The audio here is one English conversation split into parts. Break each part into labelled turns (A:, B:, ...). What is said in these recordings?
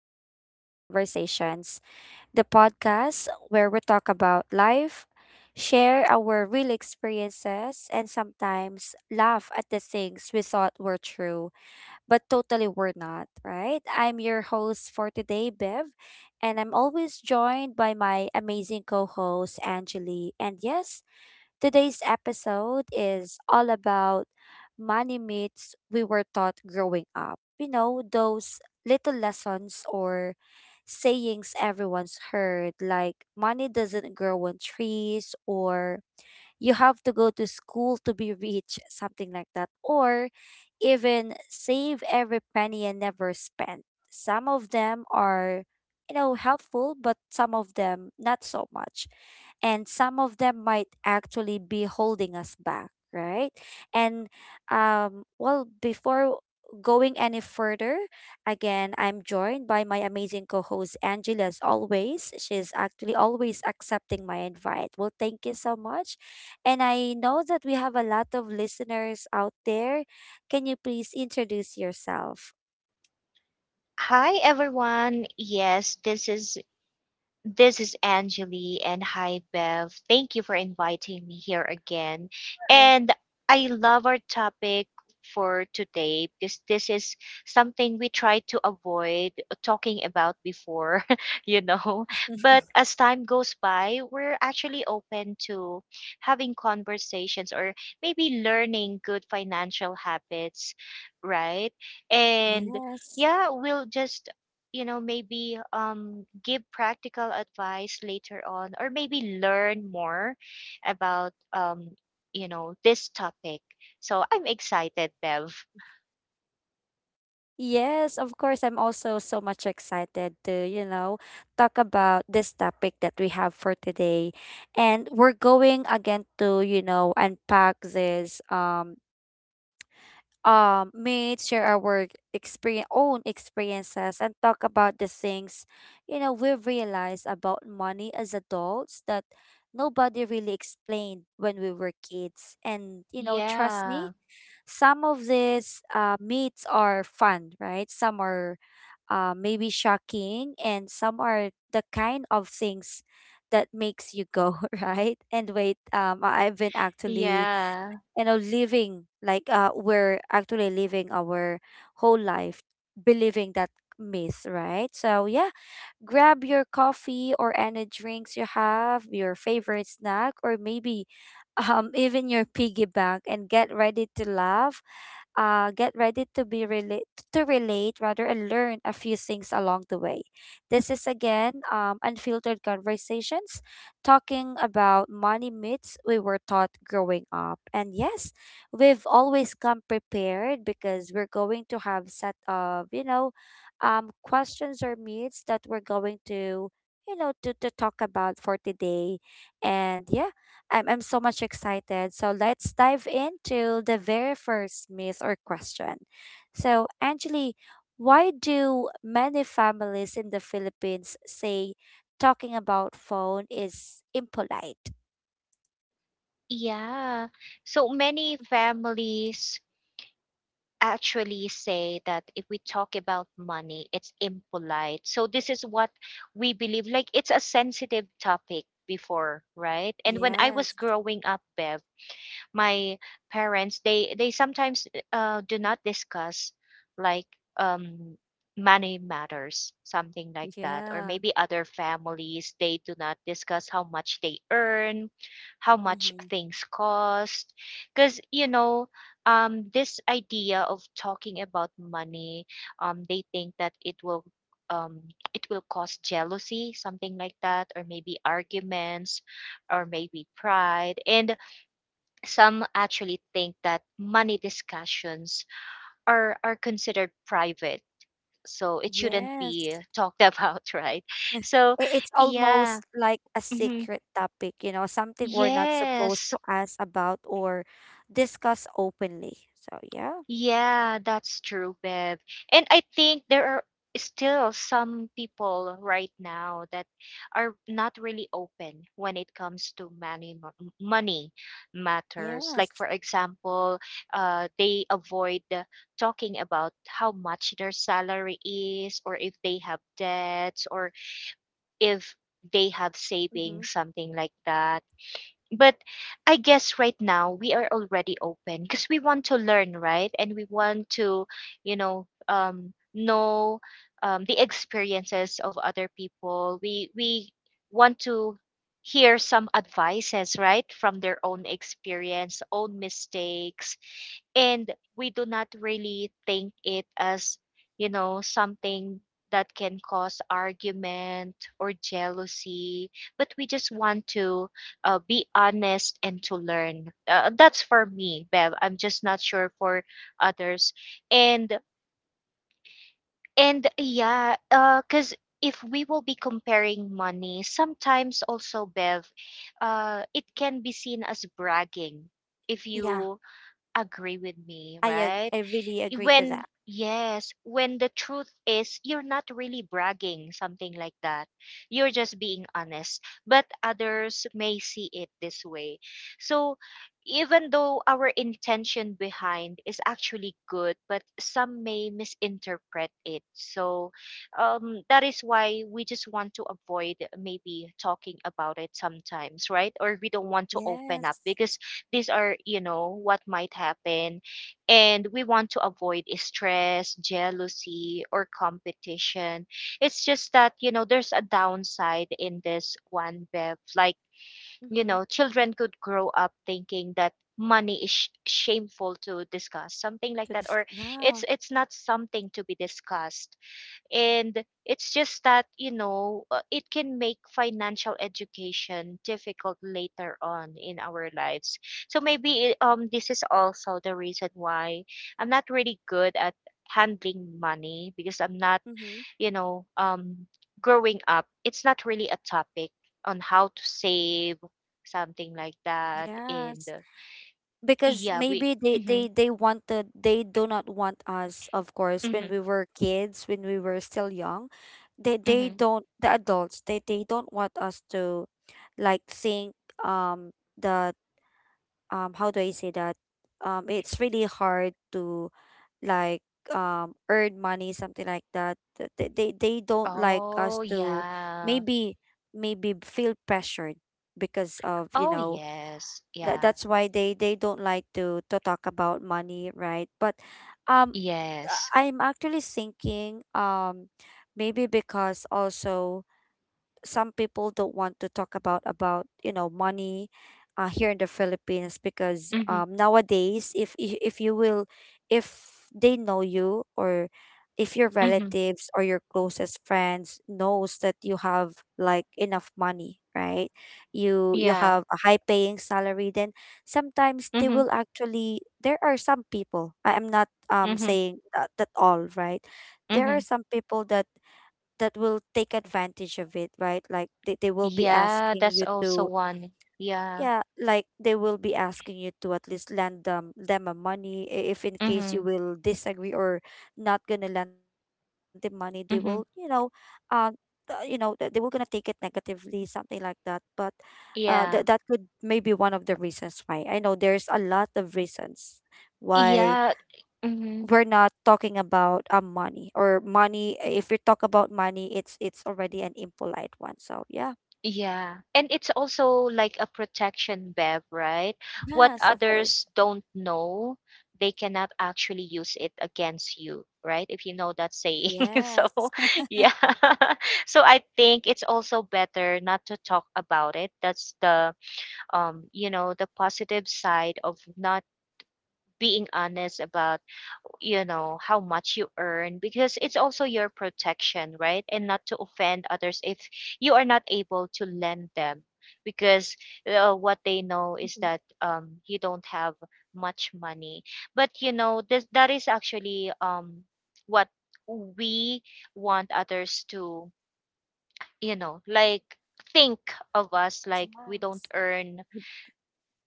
A: Unfiltered Conversations, the podcast where we talk about life, share our real experiences, and sometimes laugh at the things we thought were true, but totally were not, right? I'm your host for today, Bev, and I'm always joined by my amazing co host, Angeli. And yes, today's episode is all about money myths we were taught growing up. Those little lessons or sayings everyone's heard, like money doesn't grow on trees, or you have to go to school to be rich, something like that. Or even save every penny and never spend. Some of them are, helpful, but some of them not so much. And some of them might actually be holding us back, right? And well, before going any further, again, I'm joined by my amazing co host, Angela, as always. She's actually always accepting my invite. Well, thank you so much. And I know that we have a lot of listeners out there. Can you please introduce yourself?
B: Hi everyone. Yes, this is Angeli and hi Bev. Thank you for inviting me here again.
A: Sure.
B: And I love our topic for today because this is something we tried to avoid talking about before, you know. But as time goes by, we're actually open to having conversations or maybe learning good financial habits, right? And
A: Yes.
B: yeah, we'll just maybe give practical advice later on or maybe learn more about um this topic, so I'm excited, Bev.
A: Yes, of course. I'm also so much excited to, talk about this topic that we have for today. And we're going again to, unpack this. Meet, share our work experience, own experiences, and talk about the things, we realize about money as adults that nobody really explained when we were kids. And, trust me,
B: yeah
A: some of these meets are fun, right? Some are maybe shocking, and some are the kind of things that makes you go, right? And wait, I've been actually,
B: yeah
A: you know, living like, we're actually living our whole life believing that myth, right? So, yeah, grab your coffee or any drinks you have, your favorite snack, or maybe even your piggy bank, and get ready to laugh, get ready to be relate to relate rather, and learn a few things along the way. This is again, Unfiltered Conversations, talking about money myths we were taught growing up. And yes, we've always come prepared because we're going to have set of, questions or myths that we're going to you know to talk about for today. And yeah, I'm so much excited. So let's dive into the very first myth or question. So, Angeli, why do many families in the Philippines say talking about phone is impolite?
B: yeah So many families actually say that if we talk about money, it's impolite. So this is what we believe, like it's a sensitive topic before, right? And when I was
A: Yes.
B: growing up, Bev, my parents, they sometimes do not discuss, like, um money matters, something like that, or
A: Yeah.
B: maybe other families, they do not discuss how much they earn, how much
A: Mm-hmm.
B: things cost, because, you know, this idea of talking about money, they think that it will, um it will cause jealousy, something like that, or maybe arguments, or maybe pride. And some actually think that money discussions are considered private, so it shouldn't
A: Yes.
B: be talked about, right? So
A: I- It's
B: yeah.
A: almost like a
B: Mhm.
A: secret topic, something we're not supposed
B: Yes.
A: to ask about or discuss openly. So, yeah.
B: Yeah, that's true, Bev. And I think there are still some people right now that are not really open when it comes to money, money matters. Like,
A: Yes.
B: for example, they avoid talking about how much their salary is, or if they have debts, or if they have
A: Mm-hmm.
B: savings, something like that. But I guess right now we are already open because we want to learn, right? And we want to, you know, know, the experiences of other people. We want to hear some advices, right, from their own experience, own mistakes, and we do not really think it as, you know, something that can cause argument or jealousy, but we just want to be honest and to learn. That's for me, Bev. I'm just not sure for others. And and yeah, because if we will be comparing money, sometimes also, Bev, it can be seen as bragging. If
A: Yeah.
B: you agree with me, right?
A: I really agree to
B: When,
A: that.
B: yes, when the truth is you're not really bragging, something like that. You're just being honest, but others may see it this way. So even though our intention behind is actually good, but some may misinterpret it. So that is why we just want to avoid maybe talking about it sometimes, right? Or we don't want to open up,
A: Yes.
B: because these are, you know, what might happen, and we want to avoid stress, jealousy, or competition. It's just that, you know, there's a downside in this one, Bev. Like, you
A: Mm-hmm.
B: know, children could grow up thinking that money is shameful to discuss, something like
A: To
B: that,
A: this,
B: or
A: yeah.
B: it's not something to be discussed. And it's just that, you know, it can make financial education difficult later on in our lives. So maybe it, this is also the reason why I'm not really good at handling money, because I'm not,
A: Mm-hmm.
B: you know, growing up, it's not really a topic on how to save, something like that, and
A: Yes. Because
B: yeah, we
A: maybe
B: mhm.
A: they do not want us, of course, when
B: Mhm.
A: we were kids, when we were still young.
B: Mhm.
A: The adults, they don't want us to like think, the how do I say that? It's really hard to like, earn money, something like that. They don't like us
B: Oh,
A: to
B: yeah.
A: maybe maybe feel pressured because of,
B: Oh, yes.
A: that
B: Yeah.
A: that's why they don't like to talk about money, right? But um
B: Yes.
A: I'm actually thinking, maybe because also some people don't want to talk about, money, here in the Philippines because,
B: Mm-hmm.
A: nowadays, if you will, if they know you, or if your
B: Mm-hmm.
A: relatives or your closest friends knows that you have like enough money, right? You
B: Yeah.
A: have a high paying salary, then sometimes they
B: Mm-hmm.
A: will actually there are some people, I am not
B: Mm-hmm.
A: saying that, that all right, there
B: Mm-hmm.
A: are some people that will take advantage of it, right? Like they will be
B: Yeah,
A: asking
B: that's
A: you
B: also
A: to,
B: one. Yeah.
A: yeah, like they will be asking you to at least lend them a money, if in case you
B: Mm-hmm.
A: will disagree or not gonna lend them money, they will, you know,
B: Mm-hmm.
A: um they will gonna take it negatively, something like that. But that
B: Yeah.
A: that could maybe one of the reasons why. I know there's a lot of reasons why
B: Yeah. Mm-hmm.
A: we're not talking about, money, or money. If we talk about money, it's already an impolite one, so yeah.
B: Yeah. And it's also like a protection, Bev, right? What
A: Yes, of course.
B: others don't know, they cannot actually use it against you, right? If you know that saying. So,
A: Yes.
B: yeah. So I think it's also better not to talk about it. That's the, you know, the positive side of not being honest about, you know, how much you earn, because it's also your protection, right? And not to offend others if you are not able to lend them, because what they know is
A: Mhm.
B: that you don't have much money. But, you know, this, that is actually, what we want others to, you know, like, think of us, like, we
A: Yes,
B: don't earn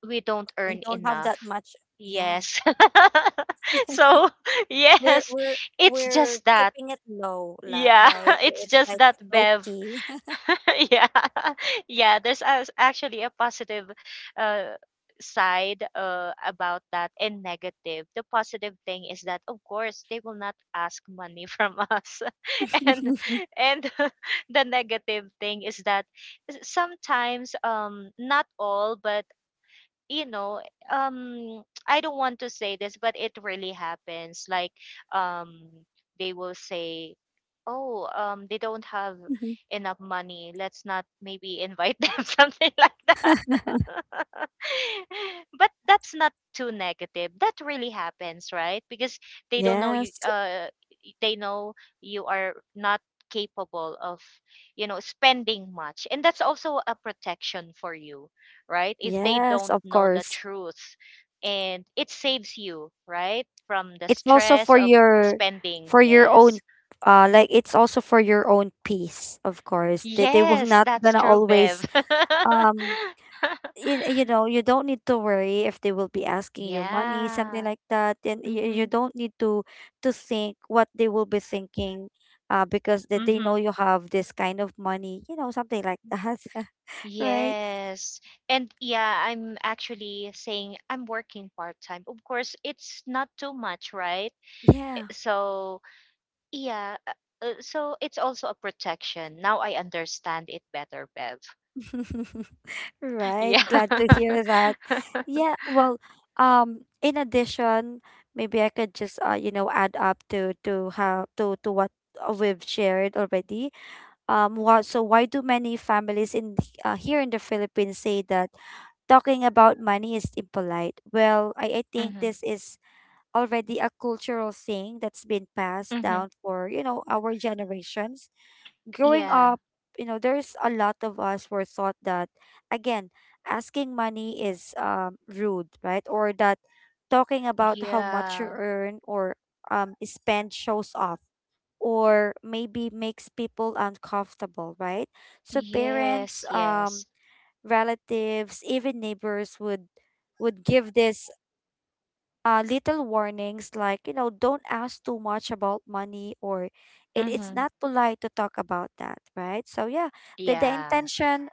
B: we don't
A: we
B: earn
A: don't have
B: enough.
A: that much. Yeah,
B: Yes. So,
A: we're
B: yes,
A: we're
B: it's
A: we're
B: just that.
A: keeping it low la,
B: Yeah,
A: right,
B: it's
A: it's
B: just
A: like
B: that,
A: low
B: Bev.
A: key.
B: Yeah. Yeah, there's, actually a positive uh, side about that and negative. The positive thing is that, of course, they will not ask money from us. and and the negative thing is that, sometimes, not all, but, you know, um, I don't want to say this, but it really happens. Like, um, they will say, "Oh, they don't have
A: Mhm.
B: enough money. Let's not maybe invite them," something like that. But that's not too negative. That really happens, right? Because they don't know
A: Yes,
B: you. They know you are not capable of, you know, spending much, and that's also a protection for you, right? If they
A: yes,
B: don't
A: of
B: know the
A: course.
B: truth. And it saves you, right? From the
A: It's also
B: stress of spending.
A: for your own,
B: Yes.
A: like, it's also for your own peace. Of course, they will
B: Yes,
A: not
B: that's
A: gonna
B: true, Bev.
A: always, um you know, you don't need to worry if they will be asking you money, something
B: Yeah.
A: like that. And you
B: Mm-hmm.
A: don't need to think what they will be thinking, because that they know
B: Mm-hmm.
A: you have this kind of money, you know, something like that. Right.
B: Yes. And yeah, I'm actually saying I'm working part time. Of course, it's not too much, right? Eh,
A: Yeah.
B: so, yeah. So it's also a protection. Now I understand it better, Bev.
A: Right,
B: Yeah.
A: glad to hear that. Yeah, well, in addition, maybe I could just add up to how to what we've shared already. So, why do many families here in the Philippines say that talking about money is impolite? Well, I think
B: Mhm.
A: this is already a cultural thing that's been passed
B: Mhm.
A: down for, our generations. Growing
B: Yeah.
A: up, there's a lot of us were thought that, again, asking money is, rude, right? Or that talking about how much you
B: Yeah.
A: earn or, spend shows off, or maybe makes people uncomfortable, right? So parents,
B: Yes, yes.
A: relatives, even neighbors would give this, little warnings like, don't ask too much about money, or it's
B: Mhm.
A: not polite to talk about that, right? So yeah, the
B: Yeah.
A: intention,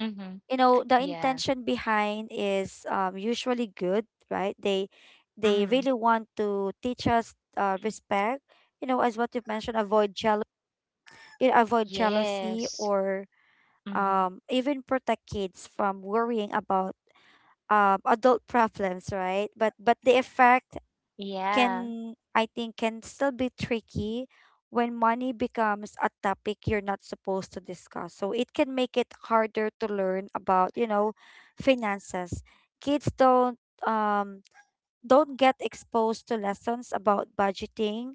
B: Mhm.
A: the
B: Yeah.
A: intention behind is, usually good, right? They
B: Mhm.
A: really want to teach us, respect, you know, as what you mentioned, avoid jealousy,
B: Yes.
A: or
B: Mhm.
A: even protect kids from worrying about, adult problems, right? But the effect
B: Yeah.
A: can, I think, can still be tricky when money becomes a topic you're not supposed to discuss. So it can make it harder to learn about, finances. Kids don't, um get exposed to lessons about budgeting,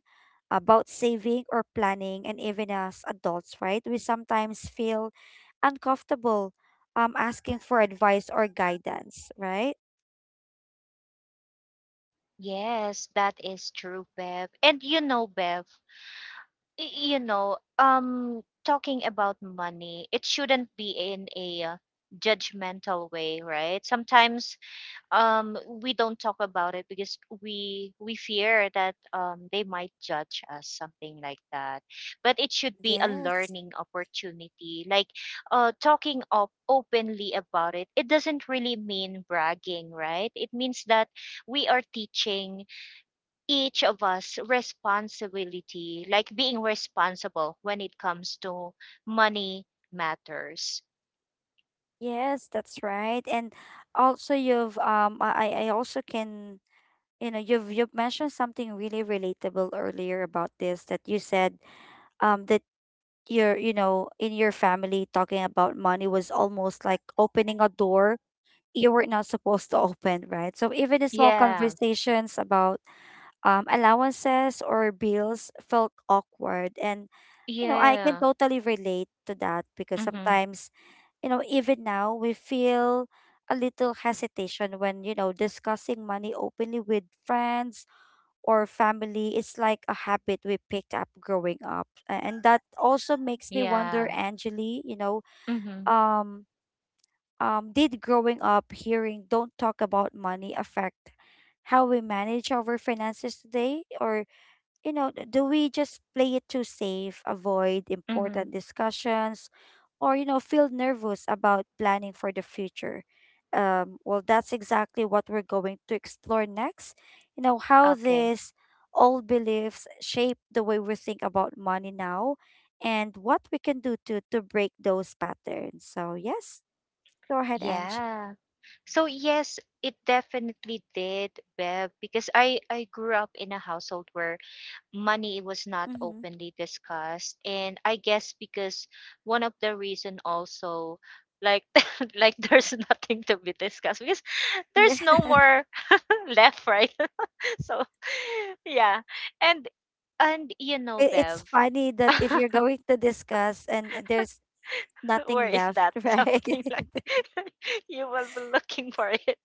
A: about saving or planning, and even as adults, right? We sometimes feel uncomfortable, asking for advice or guidance, right?
B: Yes, that is true, Bev. And you know, Bev, you know, talking about money, it shouldn't be in a, judgmental way, right? Sometimes, um we don't talk about it because we fear that they might judge us, something like that, but it should be a
A: Yes,
B: learning opportunity. Like, talking up openly about it, it doesn't really mean bragging, right? It means that we are teaching each of us responsibility, like being responsible when it comes to money matters.
A: yes, that's right. And also, you've I also can, you've mentioned something really relatable earlier about this, that you said, that your you know in your family, talking about money was almost like opening a door you were not supposed to open, right? So even the small
B: Yeah.
A: conversations about, allowances or bills felt awkward. And, I can
B: Yeah.
A: totally relate to that because
B: Mhm.
A: sometimes, even now we feel a little hesitation when, discussing money openly with friends or family. It's like a habit we picked up growing up. And that also makes me
B: Yeah.
A: wonder, Angeli,
B: Mhm.
A: um, did growing up hearing "don't talk about money" affect how we manage our finances today? Or, do we just play it too safe, avoid
B: Mhm.
A: important discussions, or, feel nervous about planning for the future? Well, that's exactly what we're going to explore next. How
B: Okay.
A: these old beliefs shape the way we think about money now, and what we can do to break those patterns. So, yes, go ahead, Ange.
B: Yeah. So yes, it definitely did, Bev, because I grew up in a household where money was not
A: Mm-hmm.
B: openly discussed, and I guess because one of the reason also, like, like, there's nothing to be discussed because
A: Yeah,
B: there's no more left, right? So yeah. And and you know,
A: it,
B: Bev,
A: it's funny that if you're going to discuss and there's
B: where
A: nothing
B: is
A: left,
B: that?
A: right?
B: Something like you will be looking for it.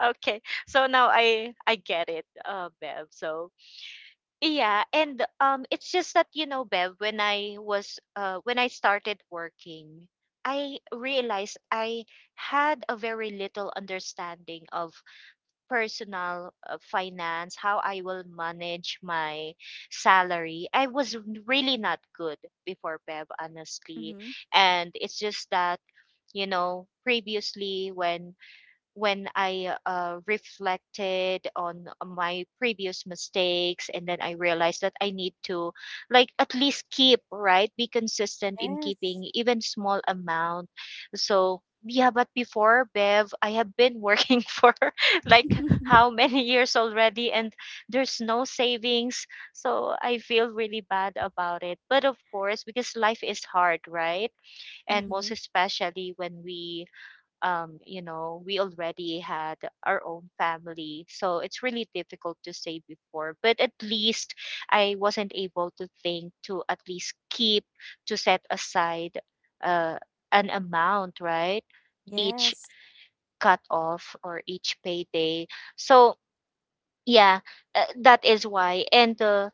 B: Okay. So now I get it, Bev. So yeah, and it's just that, you know, Bev, when I was when I started working, I realized I had a very little understanding of personal, finance, how I will manage my salary. I was really not good before, Bev, honestly.
A: Mm-hmm.
B: And it's just that, you know, previously when I, reflected on, my previous mistakes, and then I realized that I need to, like, at least keep, right? Be consistent in
A: Yes.
B: keeping even small amount. So, yeah, but before, Bev, I have been working for, like, how many years already, and there's no savings. So I feel really bad about it. But of course, because life is hard, right? And
A: Mm-hmm.
B: most especially when we, you know, we already had our own family. So it's really difficult to say before, but at least I wasn't able to think to at least keep, to set aside, uh, an amount, right? Each
A: Yes.
B: cut off or each payday. So yeah, that is why.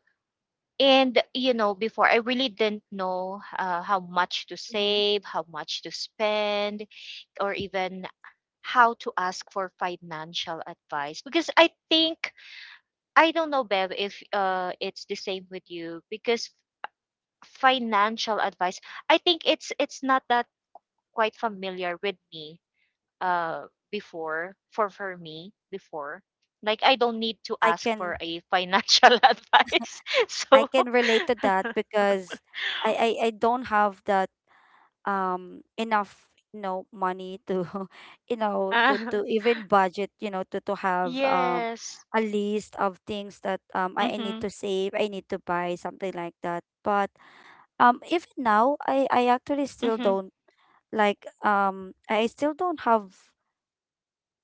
B: And you know, before I really didn't know, how much to
A: Mm-hmm.
B: save, how much to spend, or even how to ask for financial advice, because I think I don't know, Bev, if it's the same with you, because financial advice, I think it's not that quite familiar with me, uh before, for me before, like, I don't need to
A: I
B: ask for
A: can
B: a financial advice,
A: I
B: so
A: can relate to that because I don't have that, enough, you know, money to
B: uh,
A: to even budget, you know to have,
B: yes.
A: a list of things that, I need
B: Mhm.
A: to save, I need to buy, something like that, but even now, I actually still
B: Mhm.
A: don't like, I still don't have,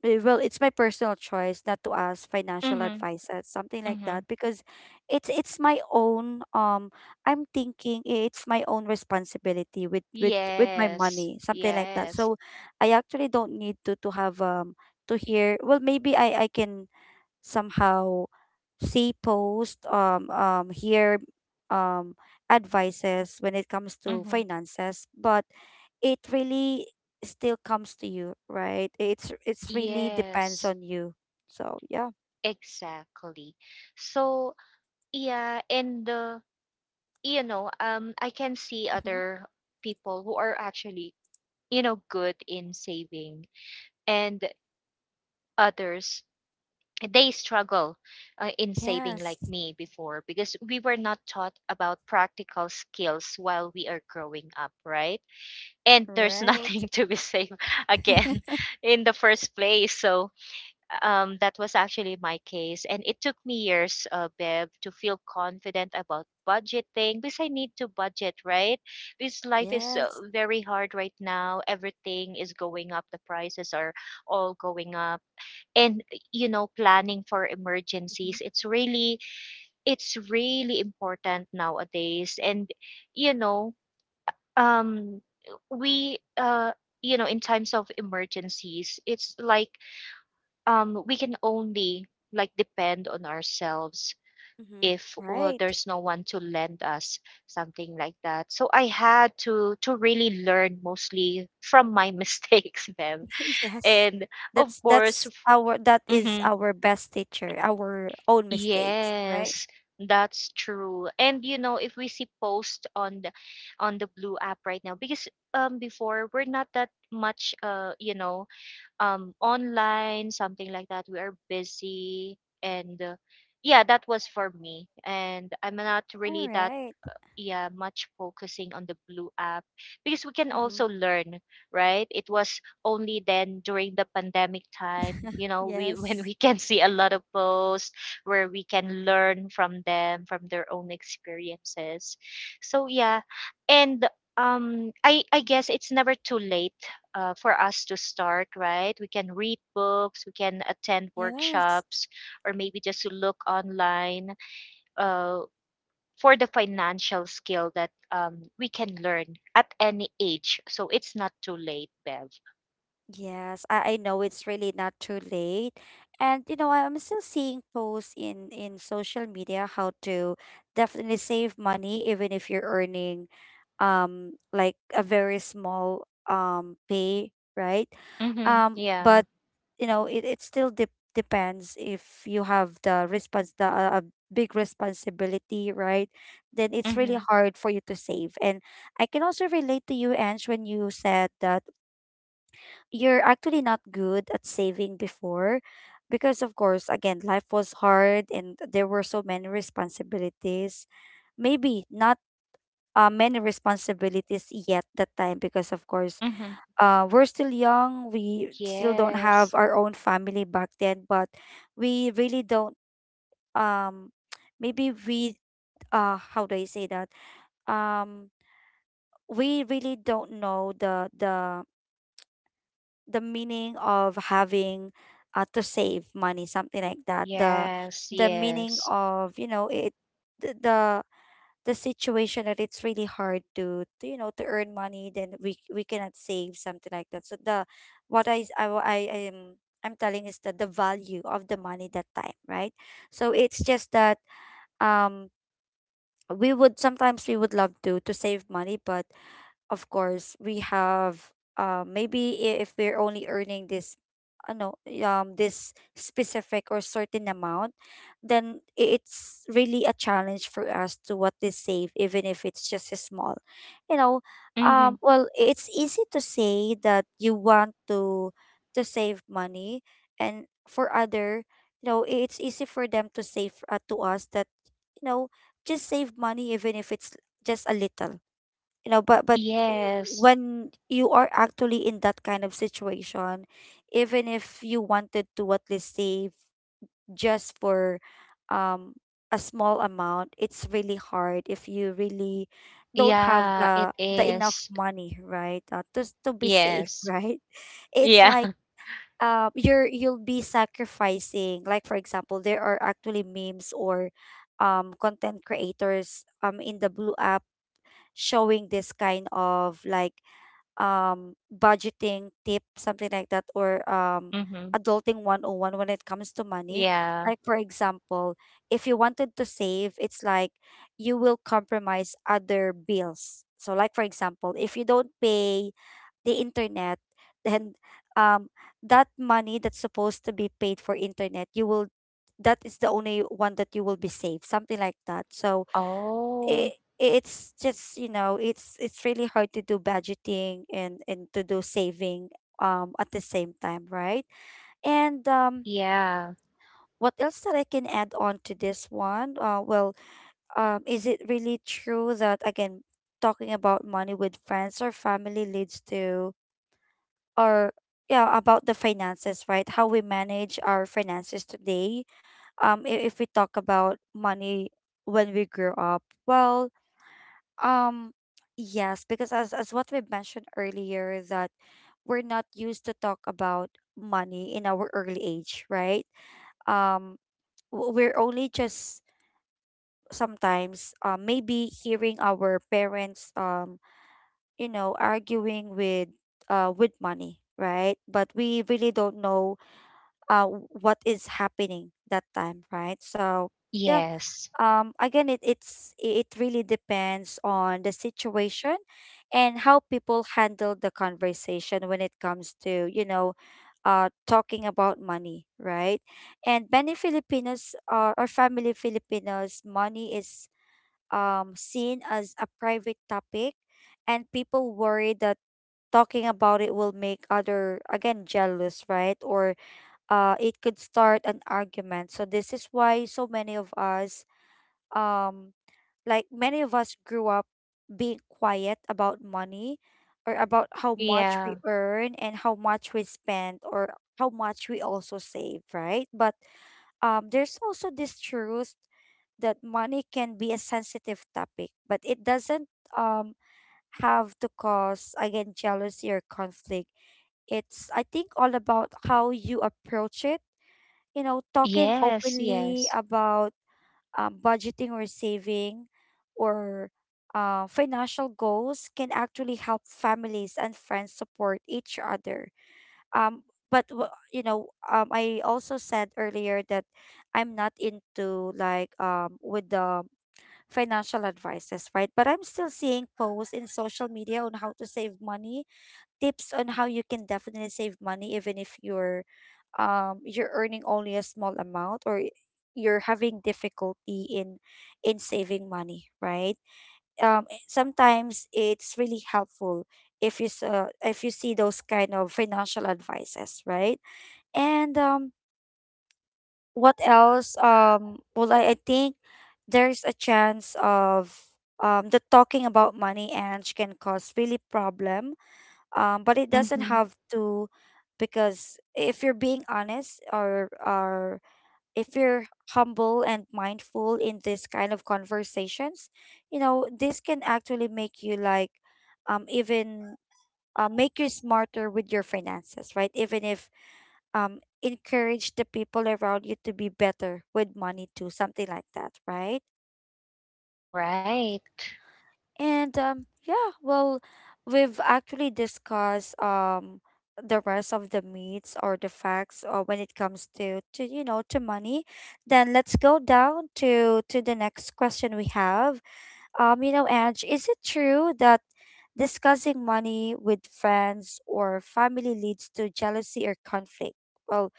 A: well, it's my personal choice not to ask financial
B: Mhm.
A: advices, something like that,
B: Mhm.
A: because it's my own, I'm thinking it's my own responsibility with my
B: Yes,
A: money, something like that.
B: yes.
A: So I actually don't need to have, to hear, well, maybe I can somehow see posts, hear, um, advices when it comes to
B: Mhm.
A: finances, but it really still comes to you, right? It's really depends
B: Yes,
A: on you. So yeah.
B: exactly. So, yeah, and you know, I can see
A: Mm-hmm.
B: other people who are actually, you know, good in saving, and others they struggle in saving like
A: Yes.
B: me before, because we were not taught about practical skills while we are growing up, right? And there's
A: Right.
B: nothing to be saved again in the first place. So, that was actually my case. And it took me years, Bev, to feel confident about budgeting, because I need to budget, right? Because life is,
A: Yes.
B: very hard right now. Everything is going up, the prices are all going up. And you know, planning for
A: Mhm.
B: emergencies, it's really important nowadays. And you know, um we you know in times of emergencies, it's like we can only like depend on ourselves
A: Mhm.
B: if
A: Right.
B: There's no one to lend us something like that, so I had to really learn mostly from my mistakes then
A: Yes.
B: and of course.
A: That is
B: Mm-hmm,
A: our best teacher, our own mistakes, right?
B: yes, that's true. And you know, if we see post on the blue app right now, because before we're not that much you know, online, something like that. We are busy. And yeah, that was for me. And I'm not
A: All
B: really that,
A: right.
B: yeah, much focusing on the blue app because we can
A: Mm-hmm.
B: also learn, right? It was only then during the pandemic time, you know, we when
A: Yes.
B: we can see a lot of posts where we can learn from them, from their own experiences. So yeah, and I guess it's never too late for us to start, right? We can read books, we can attend
A: Yes,
B: workshops, or maybe just to look online uh, for the financial skill that we can learn at any age. So it's not too late, Bev.
A: yes, I know it's really not too late. And, I'm still seeing posts in social media how to definitely save money even if you're earning, like a very small, pay, right?
B: Mm-hmm.
A: Um,
B: Yeah.
A: but you know, it still de depends if you have the response the a big responsibility, right? Then it's really
B: Mm-hmm.
A: hard for you to save. And I can also relate to you, Ange, when you said that you're actually not good at saving before because of course again life was hard and there were so many responsibilities maybe not many responsibilities yet that time because of course
B: Mm-hmm.
A: we're still young, we still don't have
B: Yes,
A: our own family back then. But we really don't um maybe we how do I say that um we really don't know the the meaning of having to save money, something like that.
B: yes,
A: The meaning
B: yes.
A: of, you know, it th- the situation that it's really hard to, you know, to earn money, then we cannot save something like that. So the what I s- I wa- I am I'm telling is that the value of the money that time, right? So it's just that um we would sometimes, we would love to save money, but of course we have maybe if we're only earning this no, this specific or certain amount, then it's really a challenge for us to, what is, save even if it's just a small, you know.
B: Mm-hmm.
A: Well, it's easy to say that you want to save money. And for other, you know, it's easy for them to save, to us that, you know, just save money even if it's just a little, you know. But
B: Yes.
A: when you are actually in that kind of situation, even if you wanted to at least save just for um a small amount, it's really hard if you really don't have
B: Yeah, it
A: the enough
B: is.
A: money, right? To be safe,
B: Yes.
A: right? It's
B: Yeah.
A: like, you're, you'll be sacrificing. Like, for example, there are actually memes or content creators in the blue app showing this kind of like budgeting tip, something like that, or
B: Mm-hmm.
A: adulting 101 when it comes to money.
B: Yeah.
A: Like, for example, if you wanted to save, it's like you will compromise other bills. So like, for example, if you don't pay the internet, then um that money that's supposed to be paid for internet, you will, that is the only one that you will be saved, something like that. So it,
B: Oh,
A: it's just, you know, it's really hard to do budgeting and to do saving at the same time, right? And
B: yeah,
A: what else that I can add on to this one? Well, is it really true that, again, talking about money with friends or family leads to, or, yeah, about the finances, right? How we manage our finances today. If we talk about money when we grew up, well, Um, yes, because as what we mentioned earlier is that we're not used to talk about money in our early age, right? Um, we're only just sometimes maybe hearing our parents you know, arguing with money, right? But we really don't know what is happening that time, right? So yeah,
B: yes.
A: again, it's, it really depends on the situation and how people handle the conversation when it comes to, you know, talking about money, right? And many Filipinos or family Filipinos, money is seen as a private topic, and people worry that talking about it will make other again jealous, right? Or it could start an argument. So this is why so many of us, um like many of us, grew up being quiet about money, or about how much
B: Yeah.
A: we earn and how much we spend or how much we also save, right? But there's also this truth that money can be a sensitive topic, but it doesn't um have to cause, again, jealousy or conflict. It's, I think, all about how you approach it. You know, talking
B: Yes,
A: openly
B: yes.
A: about budgeting or saving or financial goals can actually help families and friends support each other. Um, but you know, I also said earlier that I'm not into like with the financial advices, right? But I'm still seeing posts in social media on how to save money, tips on how you can definitely save money even if you're you're earning only a small amount, or you're having difficulty in saving money, right? Sometimes it's really helpful if if you see those kind of financial advices, right? And what else? Well, I think there's a chance of the talking about money and can cause really problem, but it doesn't
B: Mm-hmm.
A: have to. Because if you're being honest, or if you're humble and mindful in this kind of conversations, you know, this can actually make you like even make you smarter with your finances, right? Even if encourage the people around you to be better with money too, something like that, right?
B: Right.
A: And yeah, well, we've actually discussed the rest of the meats or the facts when it comes to, you know, to money. Then let's go down to the next question we have. You know, Ange, is it true that discussing money with friends or family leads to jealousy or conflict? Well,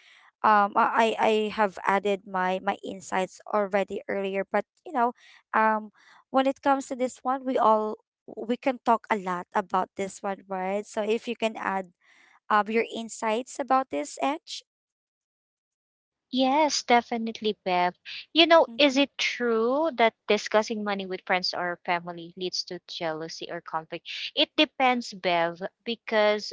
A: I have added my, my insights already earlier, but you know, um, when it comes to this one, we all, we can talk a lot about this one, right? So if you can add your insights about this, Edge.
B: Yes, definitely, Bev. You know, is
A: Mm-hmm.
B: it true that discussing money with friends or family leads to jealousy or conflict? It depends, Bev, because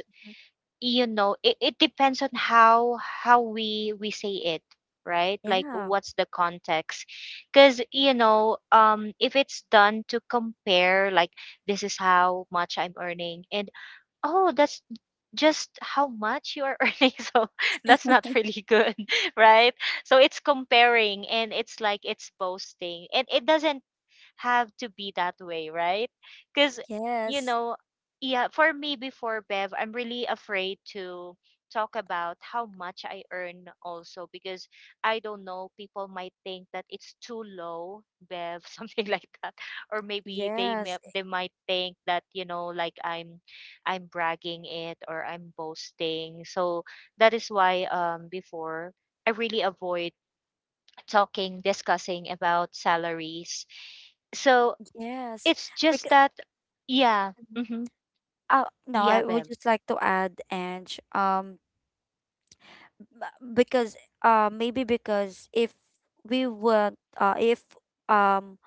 B: you know, it depends on how we say it, right? Like
A: Yeah.
B: what's the context? Because you know, if it's done to compare, like this is how much I'm earning, and oh, that's just how much you are earning. So that's not really good right? So it's comparing and it's like it's boasting, and it doesn't have to be that way, right? Because you
A: Yes.
B: know, yeah, for me before, Bev, I'm really afraid to talk about how much I earn also because I don't know, people might think that it's too low, Bev, something like that. Or maybe they may,
A: Yes.
B: they might think that, you know, like I'm bragging it, or I'm boasting. So that is why before I really avoid talking, discussing about salaries. So
A: Yes.
B: it's just
A: Because,
B: that, yeah. Mm-hmm.
A: No,
B: Yeah,
A: I would
B: Bev.
A: just like to add, Ange, b- because maybe, because if we want, if um,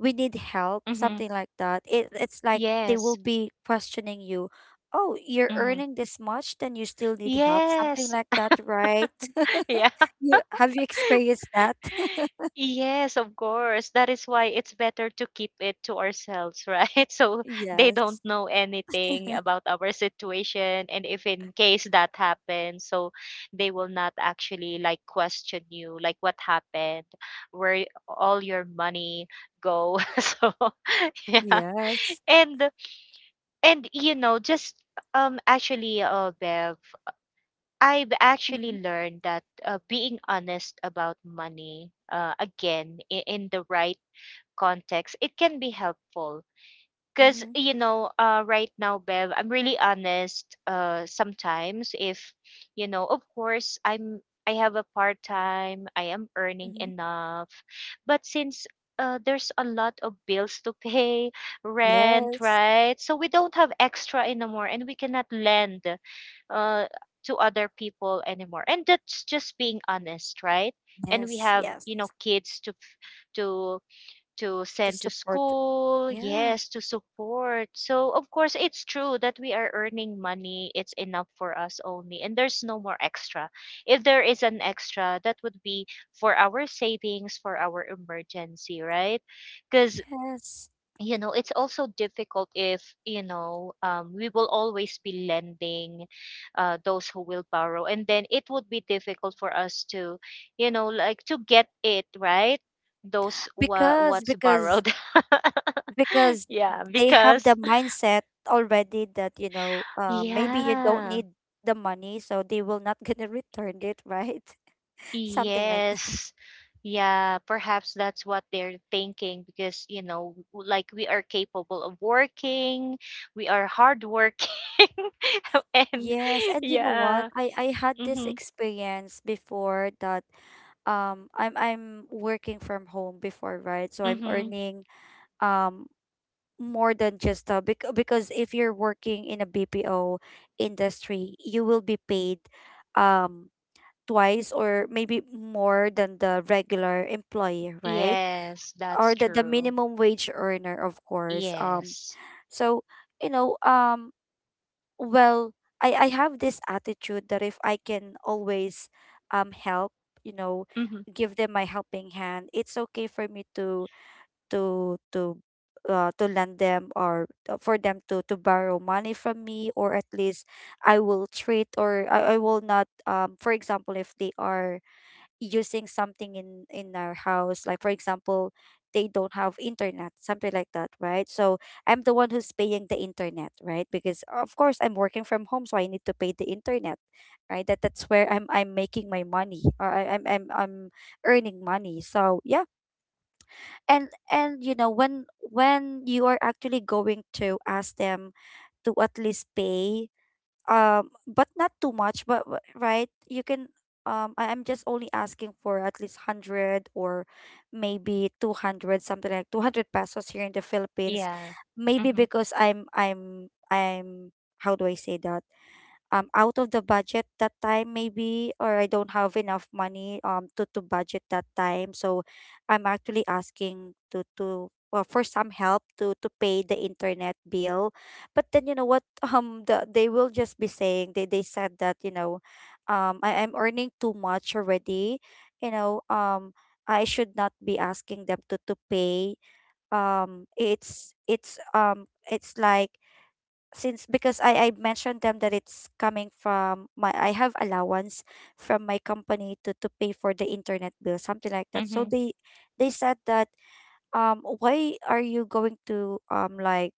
A: we need help,
B: Mm-hmm.
A: something like that, it's like they will
B: Yes.
A: be questioning you. Oh, you're
B: Mm-hmm.
A: earning this much, then you still need help, something
B: Yes.
A: like that, right?
B: Yeah.
A: You have, you experienced that?
B: Yes, of course. That is why it's better to keep it to ourselves, right? So they don't
A: Yes,
B: know anything about our situation. And if in case that happens, so they will not actually like question you, like what happened, where all your money go. So yeah.
A: yes,
B: And and you know, just actually, Bev, I've actually
A: mm-hmm,
B: learned that being honest about money, again, in the right context, it can be helpful because,
A: mm-hmm,
B: you know, right now, Bev, I'm really honest. Sometimes, if, you know, of course, I'm I have a part time, I am earning
A: mm-hmm.
B: enough, but since there's a lot of bills to pay, rent,
A: Yes,
B: right? So we don't have extra anymore, and we cannot lend uh, to other people anymore. And that's just being honest, right? And we
A: yes,
B: have,
A: yes.
B: you know, kids to to to
A: To
B: send to
A: support,
B: school,
A: yeah,
B: yes, to support. So, of course, it's true that we are earning money. It's enough for us only, and there's no more extra. If there is an extra, that would be for our savings, for our emergency, right? Because
A: yes.
B: you know, it's also difficult if you know, we will always be lending those who will borrow, and then it would be difficult for us to, you know, like to get it, right? Those
A: because
B: what's
A: because
B: borrowed.
A: because
B: Yeah,
A: they have the
B: because
A: mindset already that, you know, maybe you don't
B: yeah,
A: need the money, so they will not gonna return it, right? Something like that.
B: yes, yeah, perhaps that's what they're thinking because you know, like we are capable of working, we are hardworking. And
A: Yes, and you know what,
B: yeah.
A: I had this
B: Mhm.
A: experience before that I'm working from home before, right? So I'm
B: Mhm.
A: earning um more than just a because if you're working in a bpo industry, you will be paid um twice or maybe more than the regular employee, right?
B: Yes, that's
A: Or the
B: true.
A: minimum wage earner, of course.
B: Yes.
A: So, you know, well, I have this attitude that if I can always help, you know,
B: Mhm.
A: give them my helping hand, it's okay for me to to to lend them, or for them to borrow money from me, or at least I will treat, or I will not for example, if they are using something in our house. Like, for example, they don't have internet, something like that, right? So I'm the one who's paying the internet, right? Because of course I'm working from home, so I need to pay the internet, right? That's where I'm making my money, or I, I'm earning money, so yeah. And you know, when you are actually going to ask them to at least pay but not too much, but right, you can I'm just only asking for at least 100 or maybe 200, something like 200 pesos here in the Philippines.
B: Yeah.
A: Maybe
B: Mhm.
A: because I'm how do I say that? Out of the budget that time, maybe, or I don't have enough money to budget that time. So I'm actually asking to well, for some help to pay the internet bill. But then, you know what, they will just be saying, they said that, you know, I am earning too much already. You know, I should not be asking them to pay. It's like, since, because I mentioned them that it's coming from my, I have allowance from my company to pay for the internet bill, something like that. So
B: Mhm.
A: they said that, why are you going to um like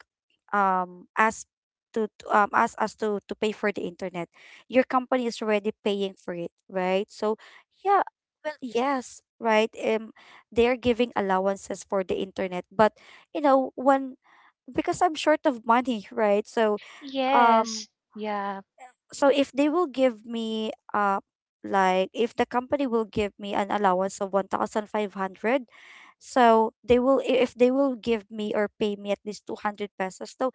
A: um ask ask us to pay for the internet? Your company is already paying for it, right? So yeah, well yes, right? They're giving allowances for the internet, but you know when, because I'm short of money, right? Um
B: Yes. Yeah.
A: so if they will give me like if the company will give me an allowance of 1500, so they will if they will give me or pay me at least 200 pesos. So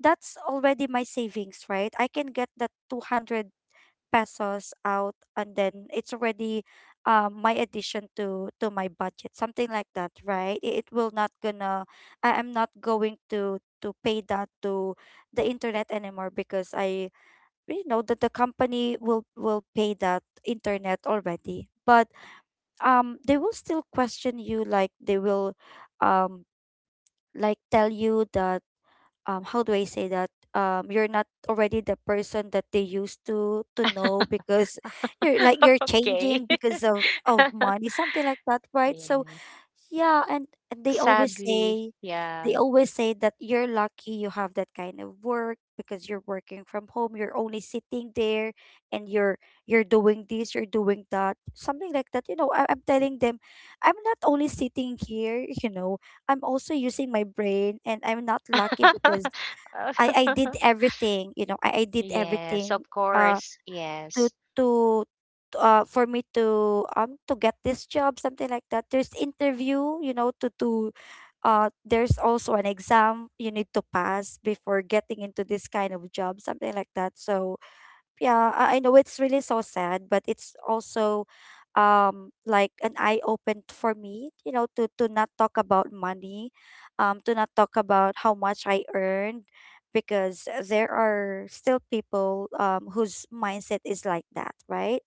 A: that's already my savings, right? I can get that 200 pesos out, and then it's already my addition to my budget, something like that, right? It will not gonna— I am not going to pay that to the internet anymore, because I you know that the company will pay that internet already. But they will still question you, like they will um like tell you that, how do I say that, you're not already the person that they used to know because you're like you're
B: Okay.
A: changing because of money, something like that, right? So
B: Yeah.
A: yeah. And they always
B: Sadly,
A: say— they
B: yeah.
A: always say that you're lucky you have that kind of work because you're working from home, you're only sitting there, and you're— you're doing this, you're doing that, something like that. You know, I'm telling them I'm not only sitting here you know I'm also using my brain, and I'm not lucky because I— I did everything. You know, I did
B: Yes, of
A: everything uh
B: course.
A: to—
B: Yes.
A: to— to for me to get this job, something like that. There's interview, you know, to there's also an exam you need to pass before getting into this kind of job, something like that. So yeah, I know it's really so sad, but it's also like an eye open for me, you know, to not talk about money, to not talk about how much I earned, because there are still people whose mindset is like that, right?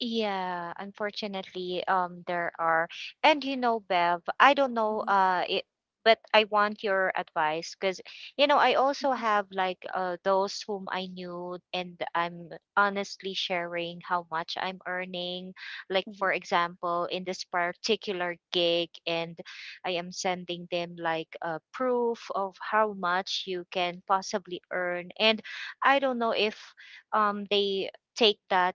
B: Yeah, unfortunately, there are. And you know, Bev, I don't know,
A: Mhm.
B: it, but I want your advice because, you know, I also
A: Mhm.
B: have like those whom I knew, and I'm honestly sharing how much I'm earning. Like,
A: Mm.
B: for example, in this particular gig, and I am sending them like a proof of how much you can possibly earn. And I don't know if they take that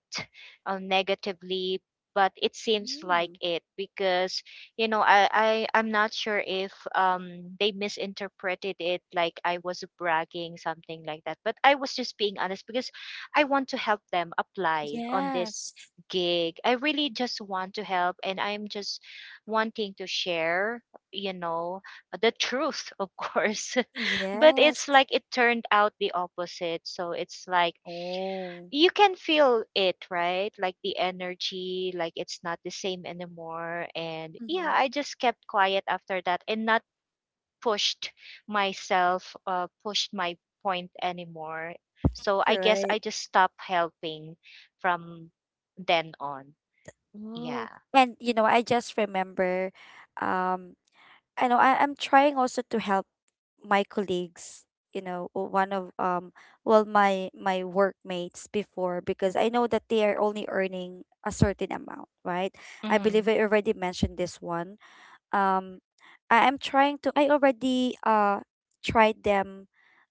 B: negatively, but it seems like
A: Mhm.
B: it because you know I'm not sure if they misinterpreted it like I was bragging something like that, but I was just being honest because I want to help them apply on this
A: Yes.
B: gig. I really just want to help, and I'm just wanting to share, you know, the truth, of course. But
A: Yes.
B: it's like it turned out the opposite, so it's like
A: Oh.
B: you can feel it, right? Like the energy, like it's not the same anymore. And yeah,
A: Mm-hmm.
B: I just kept quiet after that and not pushed myself, pushed my point anymore. So I
A: You're
B: guess
A: right.
B: I just stopped helping from then on.
A: Oh,
B: Yeah.
A: and you know, I just remember, um, I know I'm trying also to help my colleagues, you know, or one of well my workmates before, because I know that they are only earning a certain amount, right? I
B: Mm-hmm.
A: believe I already mentioned this one. um I am trying to— I already tried them.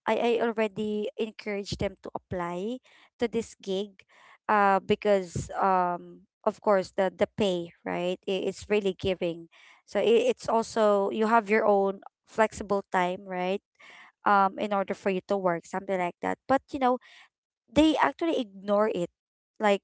A: I already encouraged them to apply to this gig, because of course the pay, right? It's really giving. So it's also— you have your own flexible time, right? In order for you to work, something like that. But you know, they actually ignore it. Like,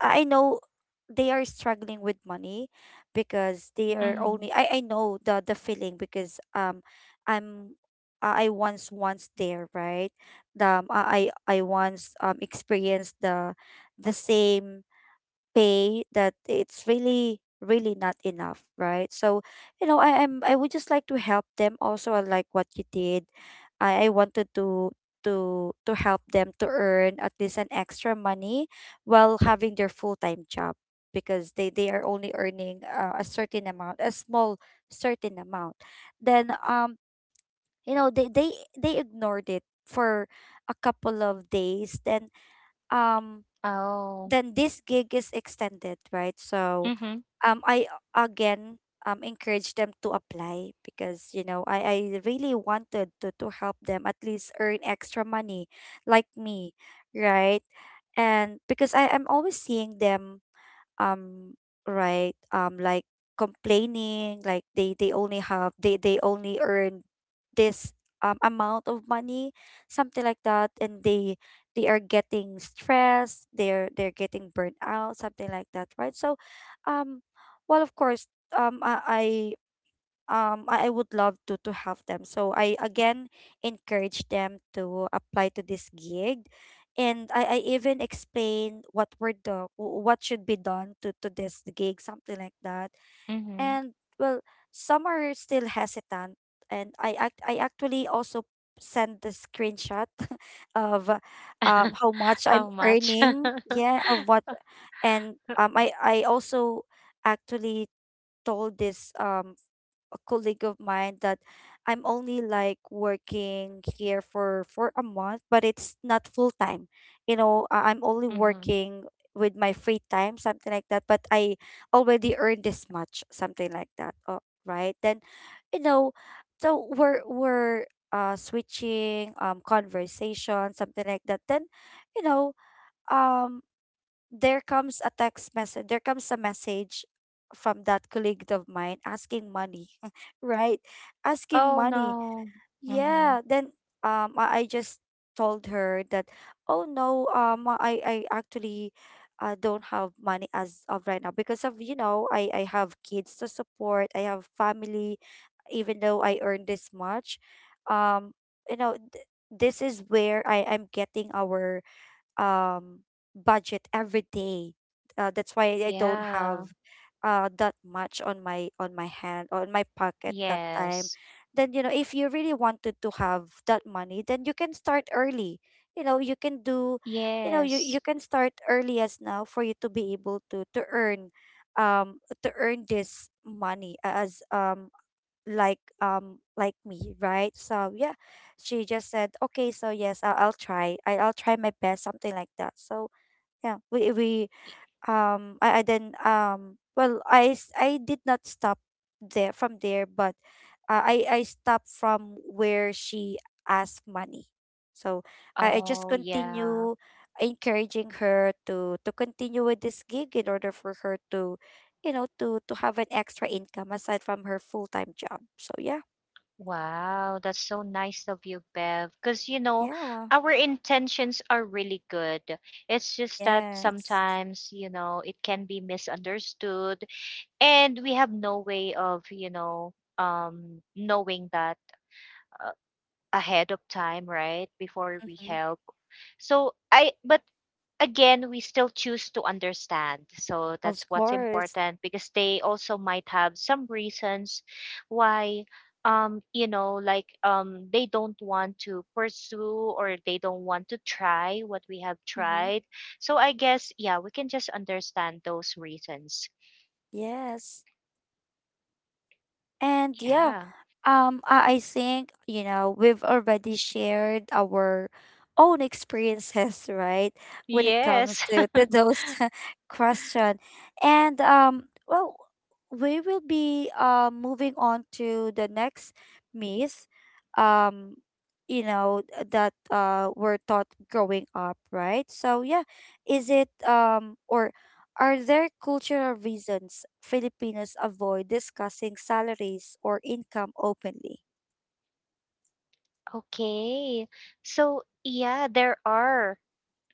A: I know they are struggling with money because they are
B: Mm-hmm.
A: only— I know the feeling because I'm— I once there, right? I once experienced the same pay that it's really really not enough, right? So you know, I would just like to help them also. I like what you did. I wanted to— to help them to earn at least an extra money while having their full-time job, because they are only earning a certain amount, a small certain amount. Then you know, they ignored it for a couple of days. Then um
B: Oh.
A: then this gig is extended, right? So
B: Mm-hmm.
A: I again encourage them to apply, because you know I really wanted to help them at least earn extra money like me, right? And because I am always seeing them, um right, like complaining, like they only have— they only earn this amount of money, something like that. And they are getting stressed, they're getting burnt out, something like that, right? So um well, of course I I would love to have them. So I again encourage them to apply to this gig. And I even explain what were the what should be done to this gig, something like that.
B: Mm-hmm.
A: And well, some are still hesitant, and I actually also send the screenshot of how much
B: How
A: I'm
B: much?
A: earning. Yeah, of what— and I also actually told this colleague of mine that I'm only like working here for a month, but it's not full time. You know, I'm only
B: Mm-hmm.
A: working with my free time, something like that. But I already earned this much, something like that. Oh, right. Then, you know, so we're switching conversation, something like that. Then, you know, um there comes a text message— there comes a message from that colleague of mine asking money right, asking
B: Oh
A: money.
B: no. Mm-hmm.
A: Yeah. Then I just told her that oh no, I actually don't have money as of right now because, of you know, I have kids to support, I have family. Even though I earn this much, um you know, this is where I'm getting our um budget every day. That's why I don't
B: Yeah.
A: have that much on my hand or in my pocket that time.
B: Yes.
A: Then you know, if you really wanted to have that money, then you can start early. You know you can do— you know you
B: Yes.
A: you can start early as now for you to be able to earn, to earn this money as like me, right? So yeah, she just said okay, so yes, I'll try, I'll try my best, something like that. So yeah, we I then well, I did not stop there— from there, but I stopped from where she asked money. So I just
B: Oh, yeah.
A: continue encouraging her to continue with this gig in order for her to, you know, to have an extra income aside from her full-time job. So yeah.
B: Wow, that's so nice of you, Bev. Because, you know,
A: Yeah.
B: our intentions are really good. It's just that
A: Yes.
B: sometimes, you know, it can be misunderstood, and we have no way of, you know, um, knowing that ahead of time, right? Before we
A: Mm-hmm.
B: help. So I, but again, we still choose to understand. So that's
A: Of
B: what's
A: course.
B: important because they also might have some reasons why you know, like they don't want to pursue, or they don't want to try what we have
A: Mm-hmm.
B: tried. So I guess yeah, we can just understand those reasons.
A: Yes. And yeah.
B: Yeah,
A: I think, you know, we've already shared our own experiences, right? When it comes
B: yes.
A: to those question. And well, we will be moving on to the next myth, um, you know, that were taught growing up, right? So yeah, is it or are there cultural reasons Filipinos avoid discussing salaries or income openly?
B: Okay, so yeah, there are